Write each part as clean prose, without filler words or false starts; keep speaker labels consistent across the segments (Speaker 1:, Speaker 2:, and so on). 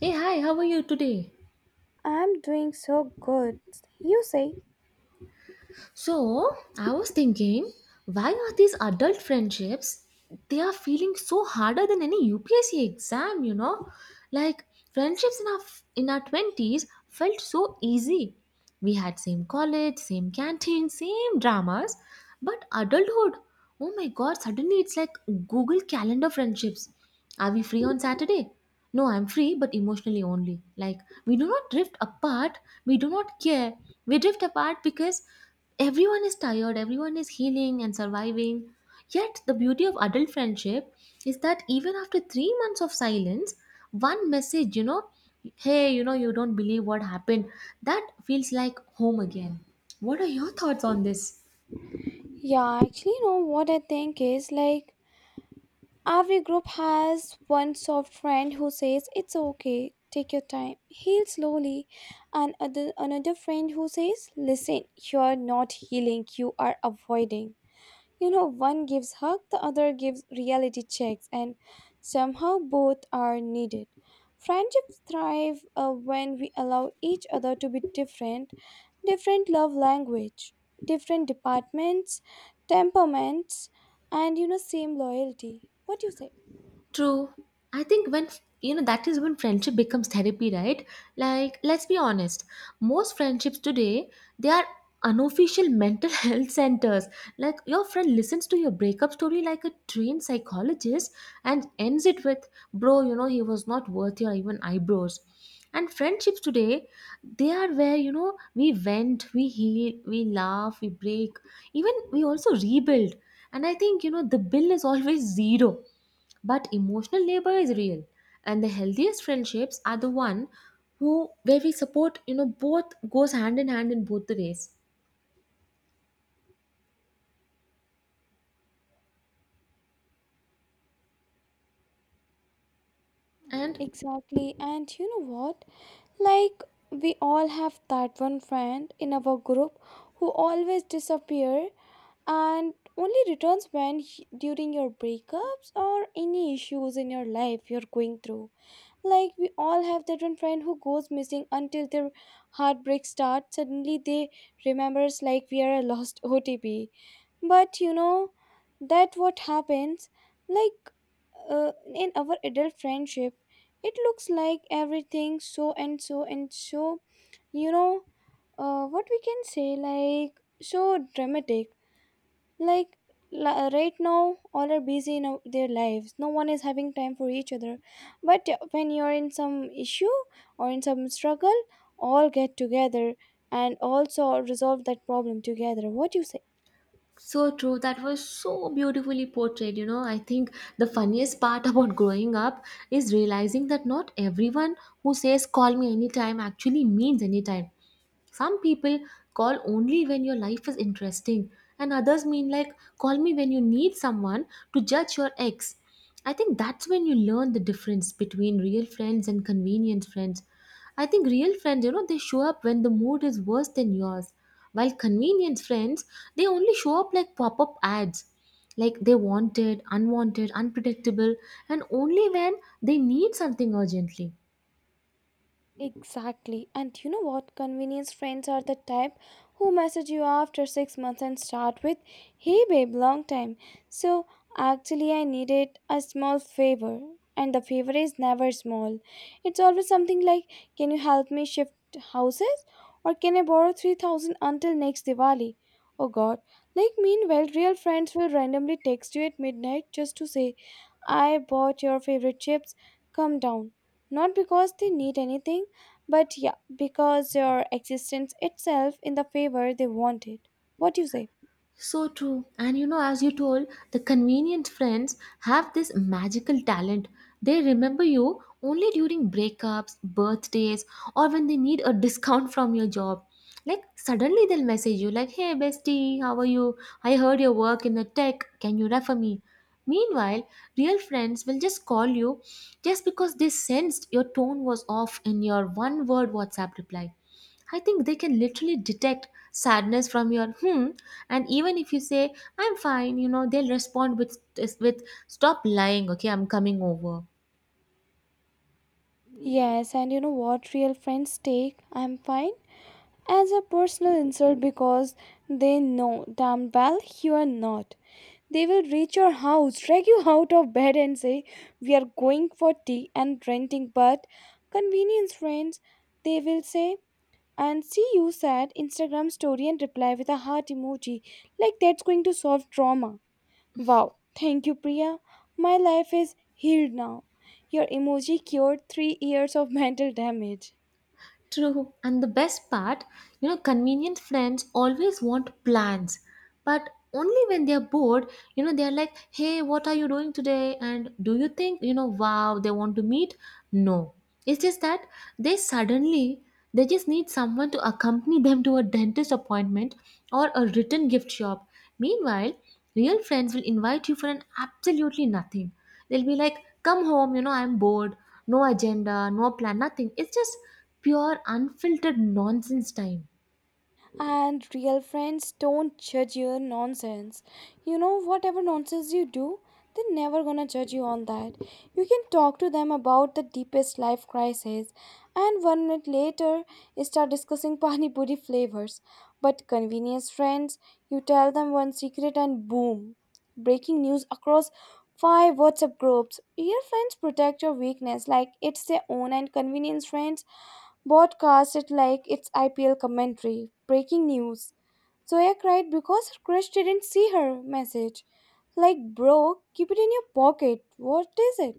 Speaker 1: Hey, hi, how are you today?
Speaker 2: I'm doing so good. You say?
Speaker 1: So, I was thinking, why are these adult friendships, they are feeling so harder than any UPSC exam, you know? Like, friendships in our 20s felt so easy. We had same college, same canteen, same dramas, but adulthood, oh my god, suddenly it's like Google Calendar friendships. Are we free on Saturday? No, I'm free, but emotionally only. Like, we do not drift apart, we do not care. We drift apart because everyone is tired, everyone is healing and surviving. Yet, the beauty of adult friendship is that even after 3 months of silence, one message, hey, you don't believe what happened, that feels like home again. What are your thoughts on this?
Speaker 2: Yeah, actually, you know what I think is like every group has one soft friend who says it's okay, take your time, heal slowly, and another friend who says, listen, you're not healing, you are avoiding. You know, one gives hug, the other gives reality checks, and somehow both are needed. Friendships thrive when we allow each other to be different, different love language, different departments, temperaments, and you know, same loyalty. What do you say?
Speaker 1: True. I think when you know that is when friendship becomes therapy, right? Like let's be honest, most friendships today they are unofficial mental health centers. Like your friend listens to your breakup story like a trained psychologist and ends it with, "Bro, you know he was not worth your even eyebrows." And friendships today, they are where you know we vent, we heal, we laugh, we break, even we also rebuild. And I think you know the bill is always zero, but emotional labor is real, and the healthiest friendships are the one who where we support you know both goes hand in hand in both the ways and
Speaker 2: Exactly. And you know what? Like we all have that one friend in our group who always disappear and only returns during your breakups or any issues in your life you're going through, like we all have that one friend who goes missing until their heartbreak starts. Suddenly they remembers like we are a lost otp. But you know that what happens, like in our adult friendship it looks like everything so and so and so, you know, what we can say, like, so dramatic. like right now all are busy in their lives, no one is having time for each other. But when you're in some issue or in some struggle, all get together and also resolve that problem together. What do you say?
Speaker 1: so true. That was so beautifully portrayed, you know. I think the funniest part about growing up is realizing that not everyone who says call me anytime actually means anytime. Some people call only when your life is interesting, and others mean like call me when you need someone to judge your ex. I think that's when you learn the difference between real friends and convenient friends. I think real friends, you know, they show up when the mood is worse than yours, while convenience friends, they only show up like pop up ads. Like they wanted, unwanted, unpredictable, and only when they need something urgently.
Speaker 2: Mm-hmm. Exactly. And you know what? Convenience friends are the type who message you after 6 months and start with, "Hey babe, long time. So actually, I needed a small favor." And the favor is never small. It's always something like, "Can you help me shift houses?" Or, "Can I borrow 3,000 until next Diwali?" Oh god. Like, meanwhile, real friends will randomly text you at midnight just to say, "I bought your favorite chips. Come down." Not because they need anything, but yeah, because your existence itself in the favor they wanted. What do you say?
Speaker 1: So true. And you know, as you told, the convenient friends have this magical talent. They remember you only during breakups, birthdays, or when they need a discount from your job. Like, suddenly they'll message you, like, hey, bestie, how are you? I heard your work in the tech. Can you refer me? Meanwhile, real friends will just call you just because they sensed your tone was off in your one word WhatsApp reply. I think they can literally detect sadness from your hmm, and even if you say I'm fine, you know, they'll respond with stop lying, okay, I'm coming over.
Speaker 2: Yes, and you know what real friends take? "I'm fine" as a personal insult, because they know damn well you are not. They will reach your house, drag you out of bed, and say, "We are going for tea and renting." But convenience friends, they will say, and see you sad Instagram story and reply with a heart emoji, like that's going to solve trauma. Wow, thank you, Priya. My life is healed now. Your emoji cured 3 years of mental damage.
Speaker 1: True. And the best part, you know, convenient friends always want plans, but only when they're bored. You know, they're like, hey, what are you doing today? And do you think, you know, wow, they want to meet? No. It's just that they suddenly, they just need someone to accompany them to a dentist appointment or a written gift shop. Meanwhile, real friends will invite you for an absolutely nothing. They'll be like, come home, you know, I'm bored. No agenda, no plan, nothing. It's just pure unfiltered nonsense time.
Speaker 2: And real friends don't judge your nonsense. You know, whatever nonsense you do, they're never gonna judge you on that. You can talk to them about the deepest life crisis, and 1 minute later, you start discussing pani puri flavors. But convenience friends, you tell them one secret and boom, breaking news across five WhatsApp groups. Real friends protect your weakness like it's their own, and convenience friends broadcast it like it's IPL commentary, breaking news. "Zoya cried because her crush didn't see her message." Like, bro, keep it in your pocket. What is it?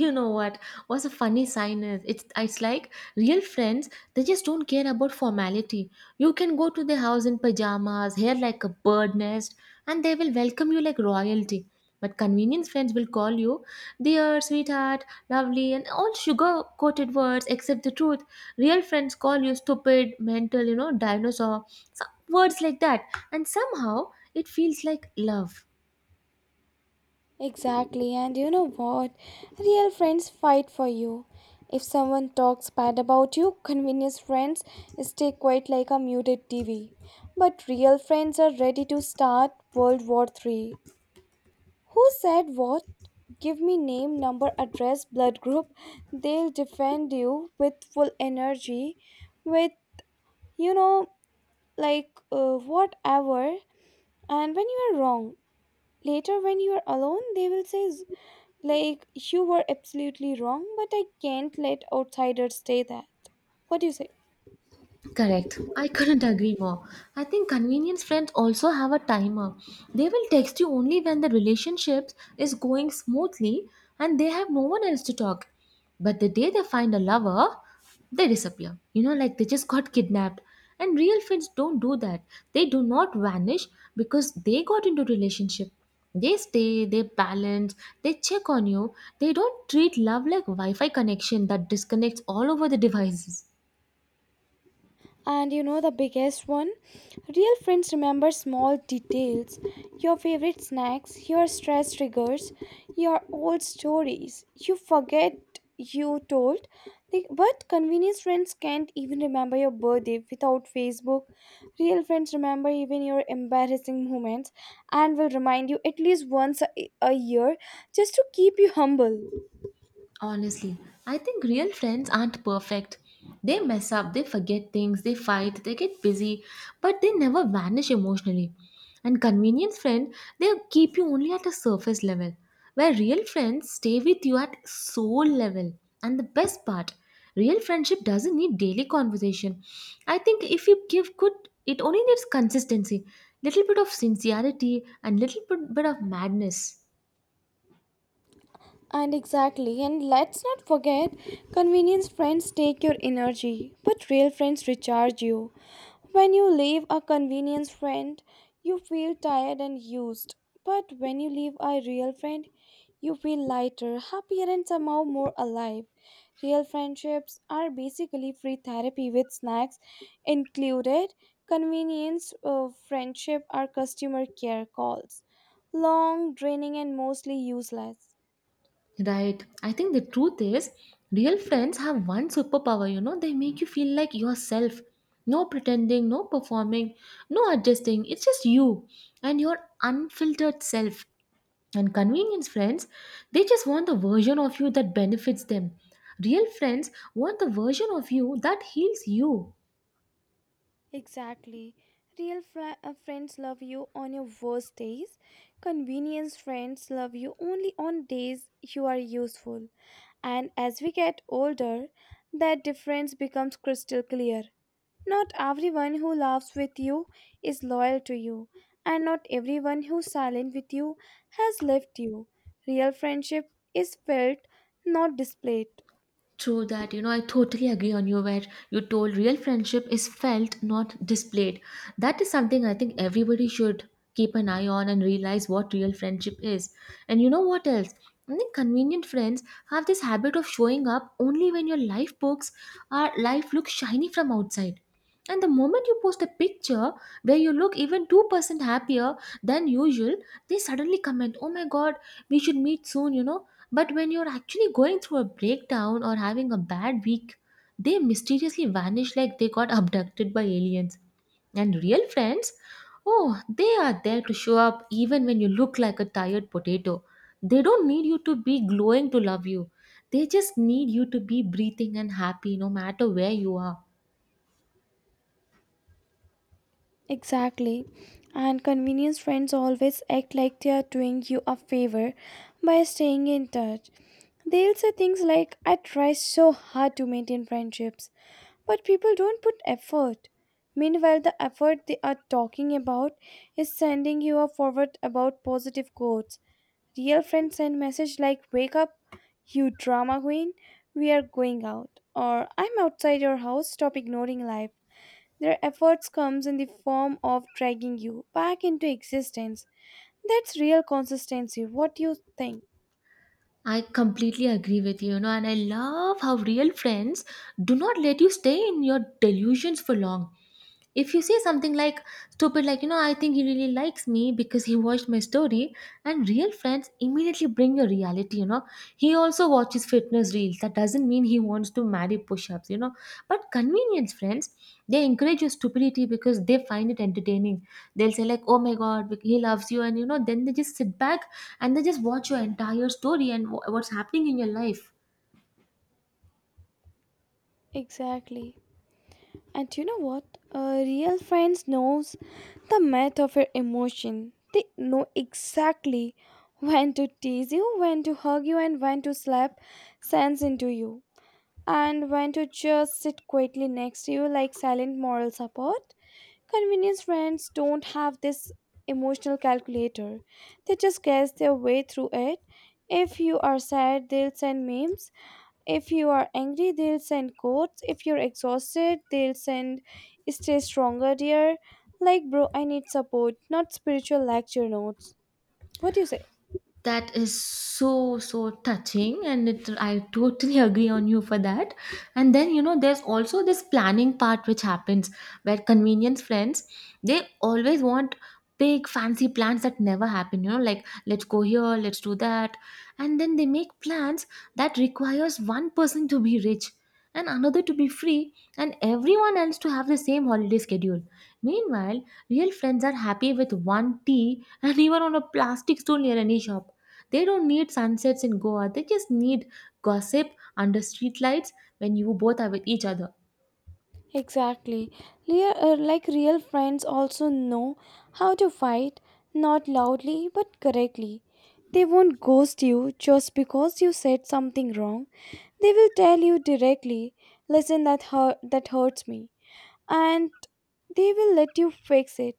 Speaker 1: You know what, what's a funny sign is it's like real friends, they just don't care about formality. You can go to their house in pajamas, hair like a bird nest, and they will welcome you like royalty. But convenience friends will call you dear, sweetheart, lovely, and all sugar coated words except the truth. Real friends call you stupid, mental, you know, dinosaur, some words like that, and somehow it feels like love.
Speaker 2: Exactly, and you know what? Real friends fight for you. If someone talks bad about you, convenience friends stay quiet like a muted TV. But real friends are ready to start World War III. Who said what? Give me name, number, address, blood group. They'll defend you with full energy, with, you know, like, whatever. And when you are wrong, later when you are alone, they will say, like, you were absolutely wrong, but I can't let outsiders say that. What do you say?
Speaker 1: Correct. I couldn't agree more. I think convenience friends also have a timer. They will text you only when the relationship is going smoothly and they have no one else to talk. But the day they find a lover, they disappear. You know, like they just got kidnapped. And real friends don't do that. They do not vanish because they got into relationship. They stay, they balance, they check on you. They don't treat love like Wi-Fi connection that disconnects all over the devices.
Speaker 2: And you know the biggest one? Real friends remember small details, your favorite snacks, your stress triggers, your old stories you forget you told. Like, but convenience friends can't even remember your birthday without Facebook. Real friends remember even your embarrassing moments and will remind you at least once a year just to keep you humble.
Speaker 1: Honestly, I think real friends aren't perfect. They mess up, they forget things, they fight, they get busy, but they never vanish emotionally. And convenience friend, they keep you only at a surface level, where real friends stay with you at soul level. And the best part, real friendship doesn't need daily conversation. I think if you give good, it only needs consistency, little bit of sincerity, and little bit of madness.
Speaker 2: And exactly, and let's not forget convenience friends take your energy, but real friends recharge you. When you leave a convenience friend, you feel tired and used. But when you leave a real friend, you feel lighter, happier, and somehow more alive. Real friendships are basically free therapy with snacks included. Convenience friendship are customer care calls, long, draining, and mostly useless.
Speaker 1: Right. I think the truth is, real friends have one superpower, you know, they make you feel like yourself. No pretending, no performing, no adjusting. It's just you and your unfiltered self. And convenience friends, they just want the version of you that benefits them. Real friends want the version of you that heals you.
Speaker 2: Exactly. Friends love you on your worst days. Convenience friends love you only on days you are useful. And as we get older, that difference becomes crystal clear. Not everyone who laughs with you is loyal to you, and not everyone who's silent with you has left you. Real friendship is felt, not displayed.
Speaker 1: True that, you know. I totally agree on you where you told real friendship is felt, not displayed. That is something I think everybody should keep an eye on and realize what real friendship is. And you know what else? I think convenient friends have this habit of showing up only when your life books are life looks shiny from outside. And the moment you post a picture where you look even 2% happier than usual, they suddenly comment, Oh my god, we should meet soon, you know. But when you're actually going through a breakdown or having a bad week, they mysteriously vanish like they got abducted by aliens. And real friends, oh, they are there to show up even when you look like a tired potato. They don't need you to be glowing to love you, they just need you to be breathing and happy no matter where you are.
Speaker 2: Exactly. And convenience friends always act like they are doing you a favor by staying in touch. They'll say things like, "I try so hard to maintain friendships, but people don't put effort." Meanwhile, the effort they are talking about is sending you a forward about positive quotes. Real friends send message like, "Wake up, you drama queen, we are going out," or, "I'm outside your house, stop ignoring life." Their efforts comes in the form of dragging you back into existence. That's real consistency. What do you think?
Speaker 1: I completely agree with you, you know, and I love how real friends do not let you stay in your delusions for long. If you say something like stupid, like, you know, I think he really likes me because he watched my story, and real friends immediately bring your reality. You know, he also watches fitness reels, that doesn't mean he wants to marry push-ups, you know. But convenience friends, they encourage your stupidity because they find it entertaining. They'll say like, oh my god, he loves you, and you know then they just sit back and they just watch your entire story and what's happening in your life.
Speaker 2: Exactly. And you know what? Real friends knows the math of your emotion. They know exactly when to tease you, when to hug you, and when to slap sense into you, and when to just sit quietly next to you like silent moral support. Convenience friends don't have this emotional calculator. They just guess their way through it. If you are sad, they'll send memes. If you are angry, they'll send quotes. If you're exhausted, they'll send "stay stronger, dear." Like, bro, I need support, not spiritual lecture notes. What do you say?
Speaker 1: That is so so touching, and it I totally agree on you for that. And then, you know, there's also this planning part which happens, where convenience friends, they always want big fancy plans that never happen. You know, like let's go here, let's do that, and then they make plans that requires one person to be rich and another to be free and everyone else to have the same holiday schedule. Meanwhile, real friends are happy with one tea and even on a plastic stool near any shop. They don't need sunsets in Goa. They just need gossip under streetlights when you both are with each other.
Speaker 2: Exactly. Like real friends also know how to fight, not loudly but correctly. They won't ghost you just because you said something wrong. They will tell you directly, listen, that hurts me. And they will let you fix it.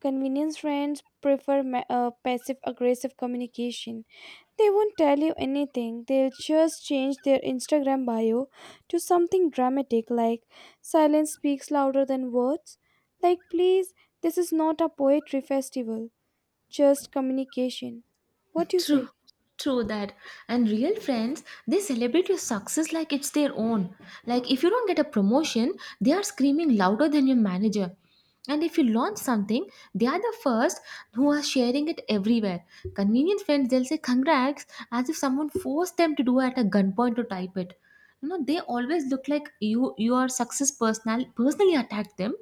Speaker 2: Convenience friends prefer passive aggressive communication. They won't tell you anything, they'll just change their Instagram bio to something dramatic like "silence speaks louder than words." Like, please, this is not a poetry festival, just communication. What do you
Speaker 1: True,
Speaker 2: say?
Speaker 1: true that. And real friends, they celebrate your success like it's their own. Like if you don't get a promotion, they are screaming louder than your manager. And if you launch something, they are the first who are sharing it everywhere. Convenient friends, they'll say congrats as if someone forced them to do at a gunpoint to type it. You know, they always look like you your success personally attacked them,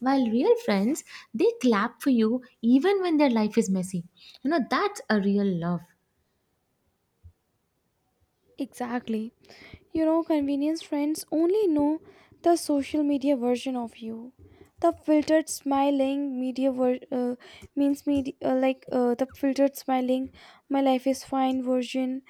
Speaker 1: while real friends, they clap for you even when their life is messy. You know, that's a real love.
Speaker 2: Exactly. You know, convenience friends only know the social media version of you. The filtered smiling media ver- means media like The filtered smiling "my life is fine" version.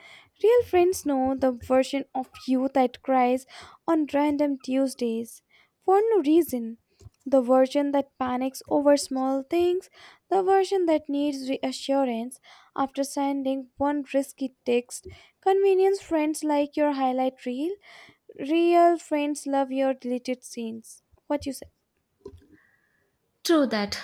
Speaker 2: Real friends know the version of you that cries on random Tuesdays for no reason. The version that panics over small things, the version that needs reassurance after sending one risky text. Convenience friends like your highlight reel. Real friends love your deleted scenes. What you
Speaker 1: True that.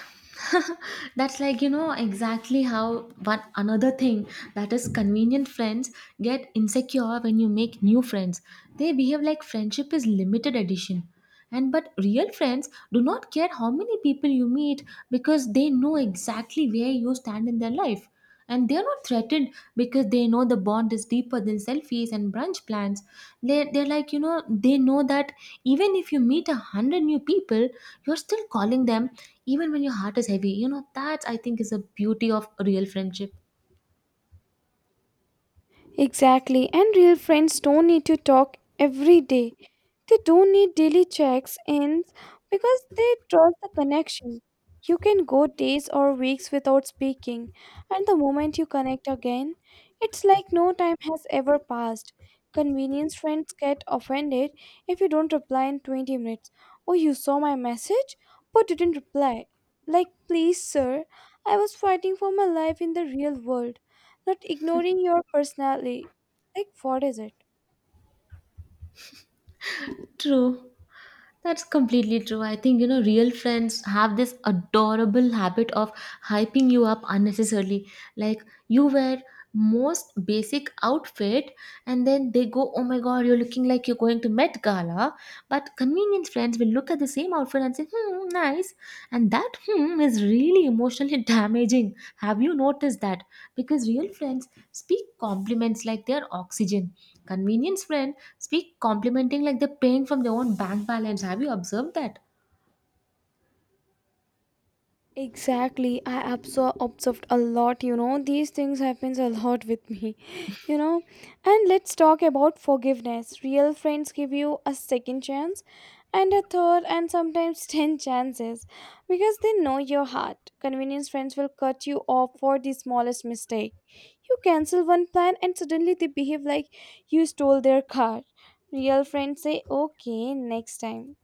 Speaker 1: That's like, you know, exactly how, one another thing that is convenient friends get insecure when you make new friends. They behave like friendship is limited edition. And but real friends do not care how many people you meet because they know exactly where you stand in their life. And they're not threatened because they know the bond is deeper than selfies and brunch plans. They're like, you know, they know that even if you meet 100 new people, you're still calling them even when your heart is heavy. You know, that I think is a beauty of real friendship.
Speaker 2: Exactly, and real friends don't need to talk every day. They don't need daily checks ins because they trust the connection. You can go days or weeks without speaking, and the moment you connect again, it's like no time has ever passed. Convenience friends get offended if you don't reply in 20 minutes. "Oh, you saw my message but didn't reply." Like, please, sir, I was fighting for my life in the real world, not ignoring your personality. Like, what is it?
Speaker 1: True. That's completely true. I think, you know, real friends have this adorable habit of hyping you up unnecessarily. Like, you wear most basic outfit and then they go, oh my god, you're looking like you're going to met gala. But convenience friends will look at the same outfit and say, hmm, nice, and that hmm is really emotionally damaging. Have you noticed that? Because real friends speak compliments like their oxygen, convenience friend speak complimenting like they're paying from their own bank balance. Have you observed that?
Speaker 2: Exactly. I observed a lot, you know. These things happens a lot with me, you know. And let's talk about forgiveness. Real friends give you a second chance and a third and sometimes 10 chances because they know your heart. Convenience friends will cut you off for the smallest mistake. You cancel one plan and suddenly they behave like you stole their car. Real friends say, "Okay, next time."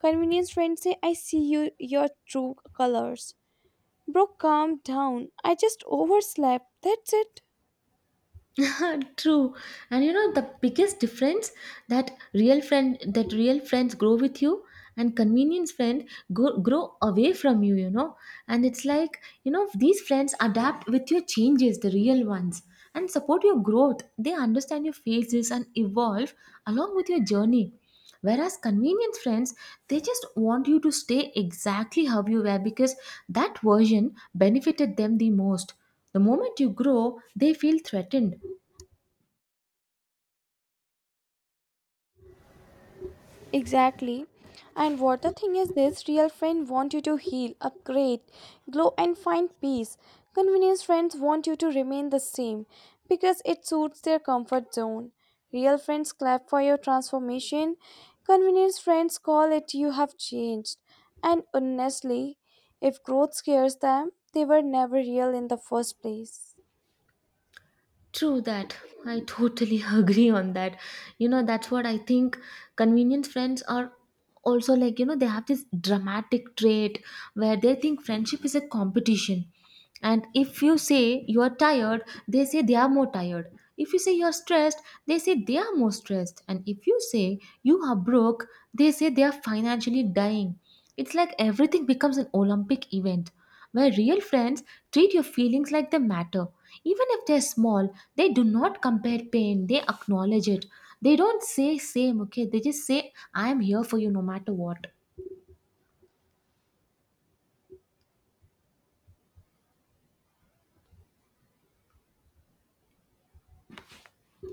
Speaker 2: Convenience friends say, "I see you your true colors." Bro, calm down. I just overslept. That's it.
Speaker 1: Yeah, true. And you know the biggest difference that real friends grow with you and convenience grow away from you, you know. And it's like, these friends adapt with your changes, the real ones, and support your growth. They understand your phases and evolve along with your journey. Whereas convenience friends, they just want you to stay exactly how you were because that version benefited them the most. The moment you grow, they feel threatened.
Speaker 2: Exactly. And what the thing is, this real friend want you to heal, upgrade, glow and find peace. Convenience friends want you to remain the same because it suits their comfort zone. Real friends clap for your transformation. Convenience friends call it, "you have changed." And honestly, if growth scares them, they were never real in the first place.
Speaker 1: True that. I totally agree on that. That's what I think. Convenience friends are also like, they have this dramatic trait where they think friendship is a competition. And if you say you are tired, they say they are more tired. If you say you are stressed, they say they are more stressed. And if you say you are broke, they say they are financially dying. It's like everything becomes an Olympic event where real friends treat your feelings like they matter. Even if they're small, they do not compare pain, they acknowledge it. They don't say same, okay? They just say, I am here for you no matter what.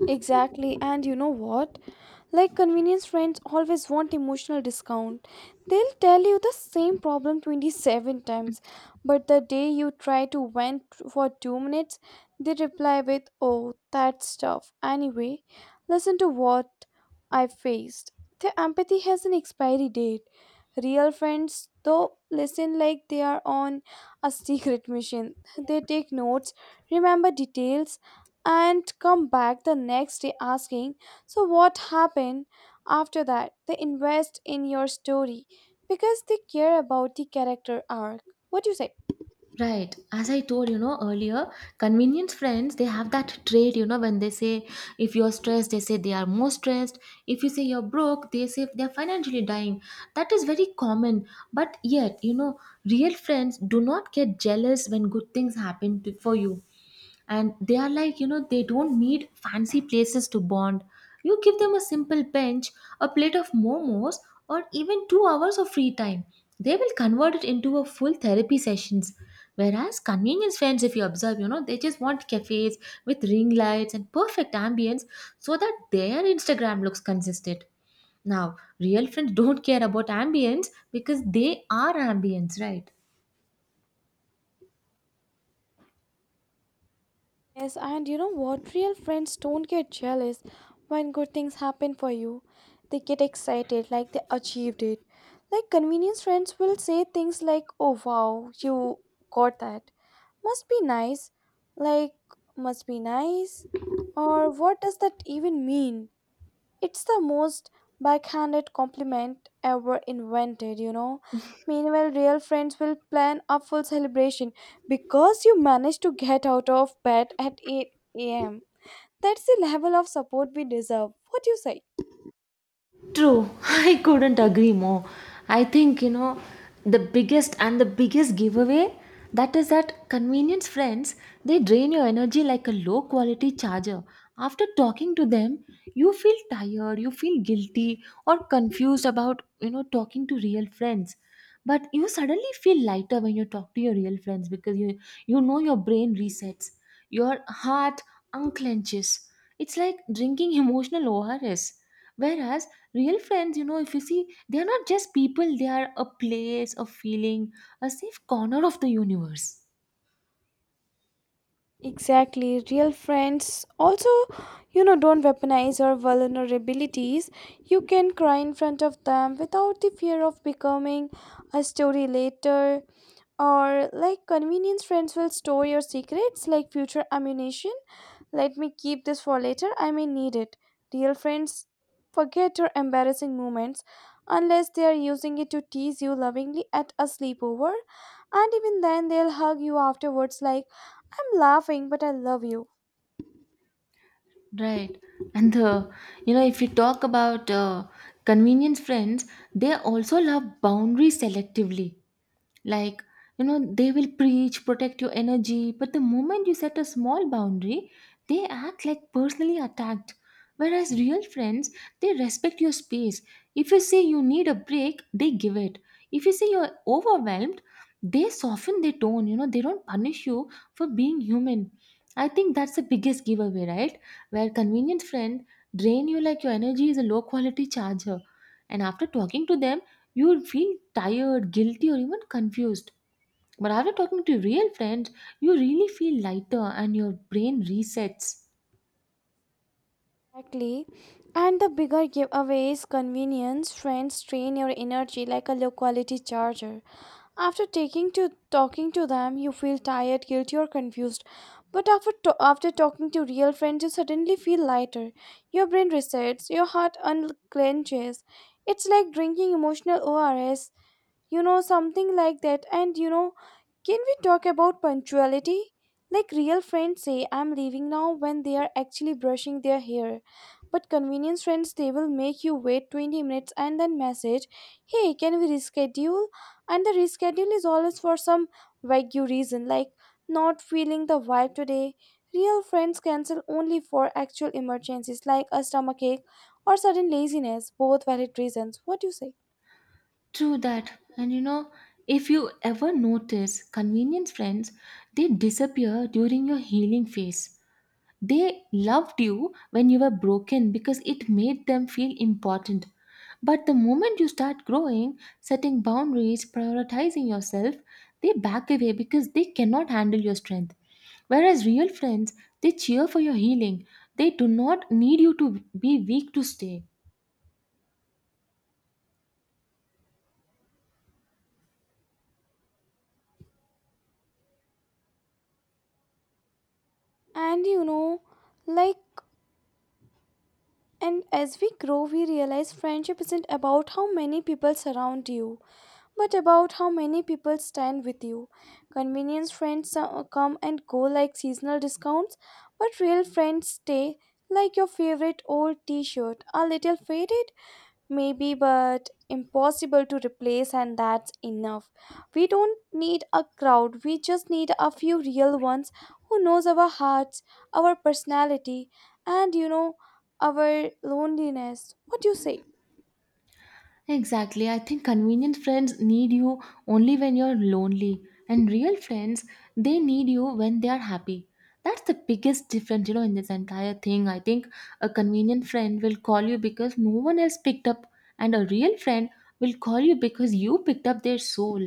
Speaker 2: Exactly, and you know what? Like convenience friends always want emotional discount. They'll tell you the same problem 27 times, but the day you try to vent for 2 minutes, they reply with, "Oh, that's tough. Anyway, listen to what I faced." Their empathy has an expiry date. Real friends, though, listen like they are on a secret mission. They take notes, remember details, and come back the next day asking, "So, what happened after that?" They invest in your story because they care about the character arc. What do you say?
Speaker 1: Right. As I told earlier, convenience friends they have that trait, you know, when they say if you're stressed, they say they are more stressed. If you say you're broke, they say they're financially dying. That is very common. But yet, you know, real friends do not get jealous when good things happen for you, and they are like, you know, they don't need fancy places to bond. You give them a simple bench, a plate of momos, or even 2 hours of free time. They will convert it into a full therapy sessions. Whereas convenience friends, if you observe, you know, they just want cafes with ring lights and perfect ambience so that their Instagram looks consistent. Now real friends don't care about ambience because they are ambience, right?
Speaker 2: Yes, and you know what? Real friends don't get jealous when good things happen for you. They get excited like they achieved it. Like convenience friends will say things like, "Oh wow, you got that. Must be nice." Like, must be nice. Or what does that even mean? It's the most backhanded compliment ever invented, you know. Meanwhile, real friends will plan a full celebration because you managed to get out of bed at 8 a.m. That's the level of support we deserve. What do you say?
Speaker 1: True, I couldn't agree more. I think, you know, the biggest and the biggest giveaway that is that convenience friends, they drain your energy like a low quality charger. After talking to them, you feel tired, you feel guilty or confused about, you know, talking to real friends, but you suddenly feel lighter when you talk to your real friends because your brain resets, your heart unclenches. It's like drinking emotional ors. Whereas real friends, you know, if you see, they are not just people, they are a place, a feeling, a safe corner of the universe,
Speaker 2: Exactly. Real friends also, don't weaponize your vulnerabilities. You can cry in front of them without the fear of becoming a story later. Or, like, convenience friends will store your secrets like future ammunition. Let me keep this for later. I may need it. Real friends forget your embarrassing moments unless they are using it to tease you lovingly at a sleepover. And even then, they'll hug you afterwards like, I'm laughing, but I love you.
Speaker 1: right? And the, you know, if you talk about convenience friends, they also love boundaries selectively. Like, you know, they will preach protect your energy, but the moment you set a small boundary, they act like personally attacked. Whereas real friends, they respect your space. If you say you need a break, they give it. If you say you're overwhelmed, they soften their tone. You know, they don't punish you for being human. I think that's the biggest giveaway, right? Where convenient friend drain you like your energy is a low quality charger, and after talking to them, you would feel tired, guilty, or even confused. But after talking to real friends, you really feel lighter and your brain resets.
Speaker 2: Exactly. And the bigger giveaway is convenience. Friends drain your energy like a low quality charger. After taking to talking to them, you feel tired, guilty, or confused. But after talking to real friends, you suddenly feel lighter. Your brain resets, your heart unclenches. It's like drinking emotional ORS. You know something like that. And you know can we talk about punctuality? Like, real friends say, I'm leaving now, when they are actually brushing their hair. But convenience friends, they will make you wait 20 minutes and then message, hey, can we reschedule? And the reschedule is always for some vague reason, like not feeling the vibe today. Real friends cancel only for actual emergencies like a stomachache or sudden laziness, both valid reasons. What do you say?
Speaker 1: True that. And you know, if you ever notice convenience friends, they disappear during your healing phase. They loved you when you were broken because it made them feel important. But the moment you start growing, setting boundaries, prioritizing yourself, they back away because they cannot handle your strength. Whereas real friends, they cheer for your healing. They do not need you to be weak to stay.
Speaker 2: And you know, like, And as we grow, we realize friendship isn't about how many people surround you, but about how many people stand with you. Convenience friends come and go like seasonal discounts, but real friends stay like your favorite old t shirt, a little faded maybe, but impossible to replace, and that's enough. We don't need a crowd, we just need a few real ones who knows our hearts, our personality, and our loneliness. What do you say?
Speaker 1: Exactly. I think convenient friends need you only when you're lonely, and real friends, they need you when they are happy. That's the biggest difference, you know, in this entire thing. I think a convenient friend will call you because no one else picked up, and a real friend will call you because you picked up their soul.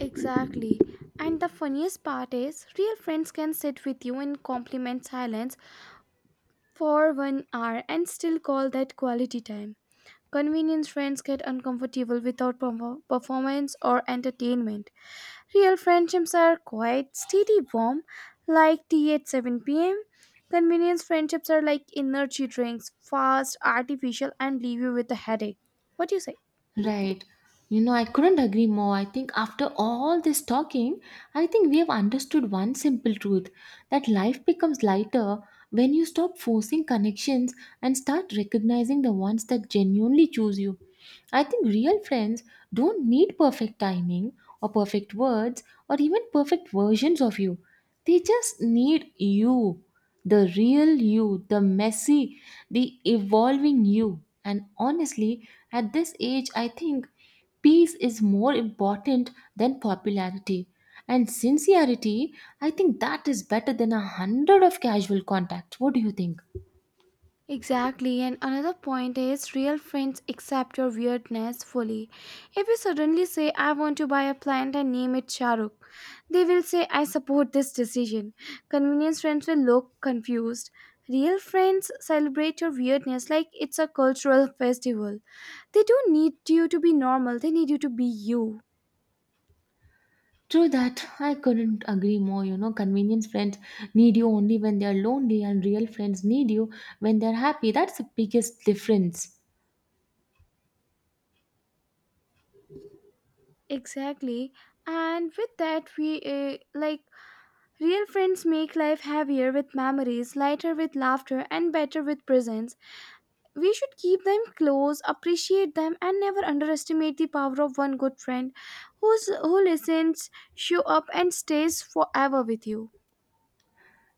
Speaker 2: Exactly. And the funniest part is, real friends can sit with you in compliment silence for 1 hour and still call that quality time. Convenience friends get uncomfortable without performance or entertainment. Real friendships are quite steady, warm, like tea at 7 pm. Convenience friendships are like energy drinks, fast, artificial, and leave you with a headache. What do you say?
Speaker 1: Right. You know, I couldn't agree more. I think after all this talking, I think we have understood one simple truth that life becomes lighter when you stop forcing connections and start recognizing the ones that genuinely choose you. I think real friends don't need perfect timing or perfect words or even perfect versions of you. They just need you, the real you, the messy, the evolving you. And honestly, at this age, I think peace is more important than popularity. And sincerity, I think that is better than 100 of casual contacts. What do you think?
Speaker 2: Exactly, and another point is real friends accept your weirdness fully. If you suddenly say, I want to buy a plant and name it Shahrukh, they will say, I support this decision. Convenience friends will look confused. Real friends celebrate your weirdness like it's a cultural festival. They don't need you to be normal, they need you to be you.
Speaker 1: True that, I couldn't agree more. You know, convenience friends need you only when they are lonely, and real friends need you when they're happy. That's the biggest difference.
Speaker 2: Exactly, and with that, we like real friends make life heavier with memories, lighter with laughter, and better with presence. We should keep them close, appreciate them, and never underestimate the power of one good friend who listens, show up, and stays forever with you.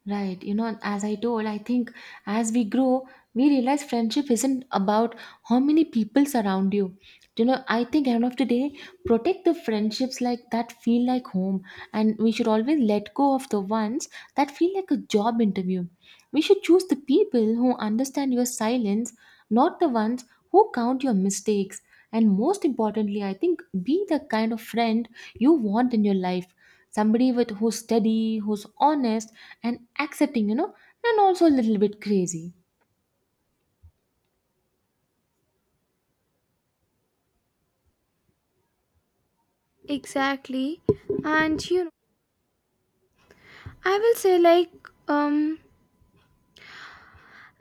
Speaker 1: Right. You know, as I told, I think as we grow, we realize friendship isn't about how many people surround you. You know, I think end of the day, protect the friendships like that feel like home, and we should always let go of the ones that feel like a job interview. We should choose the people who understand your silence, not the ones who count your mistakes. And most importantly, I think be the kind of friend you want in your life. Somebody with who's steady, who's honest and accepting, you know, and also a little bit crazy.
Speaker 2: Exactly. And I will say, like, um,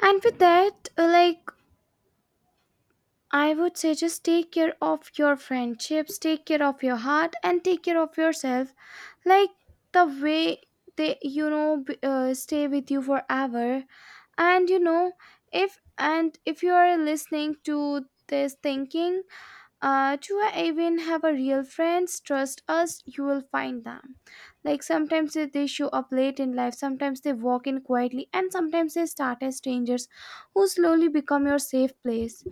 Speaker 2: and with that, I would say just take care of your friendships, take care of your heart, and take care of yourself like the way they stay with you forever. And if you are listening to this thinking, do I even have a real friends, trust us, you will find them. Like, sometimes they show up late in life, sometimes they walk in quietly, and sometimes they start as strangers who slowly become your safe place.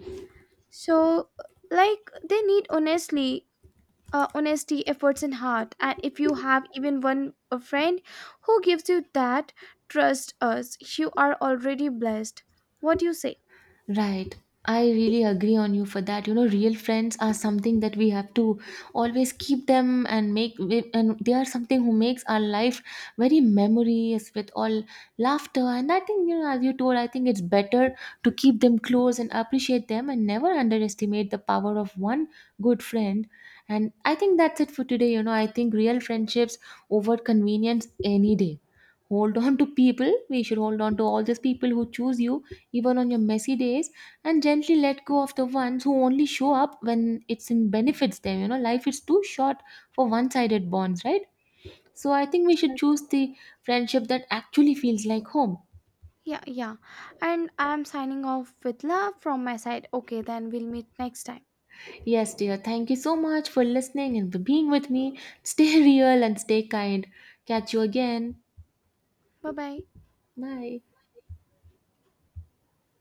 Speaker 2: So, like, they need, honestly, honesty, efforts, and heart. And if you have even one a friend who gives you that, trust us, you are already blessed. What do you say?
Speaker 1: Right. I really agree on you for that. You know, real friends are something that we have to always keep them and make, and they are something who makes our life very memories with all laughter. And I think, you know, as you told, I think it's better to keep them close and appreciate them and never underestimate the power of one good friend. And I think that's it for today. You know, I think real friendships over convenience any day. Hold on to people. We should hold on to all those people who choose you even on your messy days, and gently let go of the ones who only show up when it's in benefits them. You know, life is too short for one sided bonds, right? So I think we should
Speaker 2: Exactly.
Speaker 1: choose the friendship that actually feels like home.
Speaker 2: Yeah, yeah. And I'm signing off with love from my side. Okay, then we'll meet next time.
Speaker 1: Yes, dear, thank you so much for listening and for being with me. Stay real and stay kind. Catch you again.
Speaker 2: Bye bye.
Speaker 1: Bye.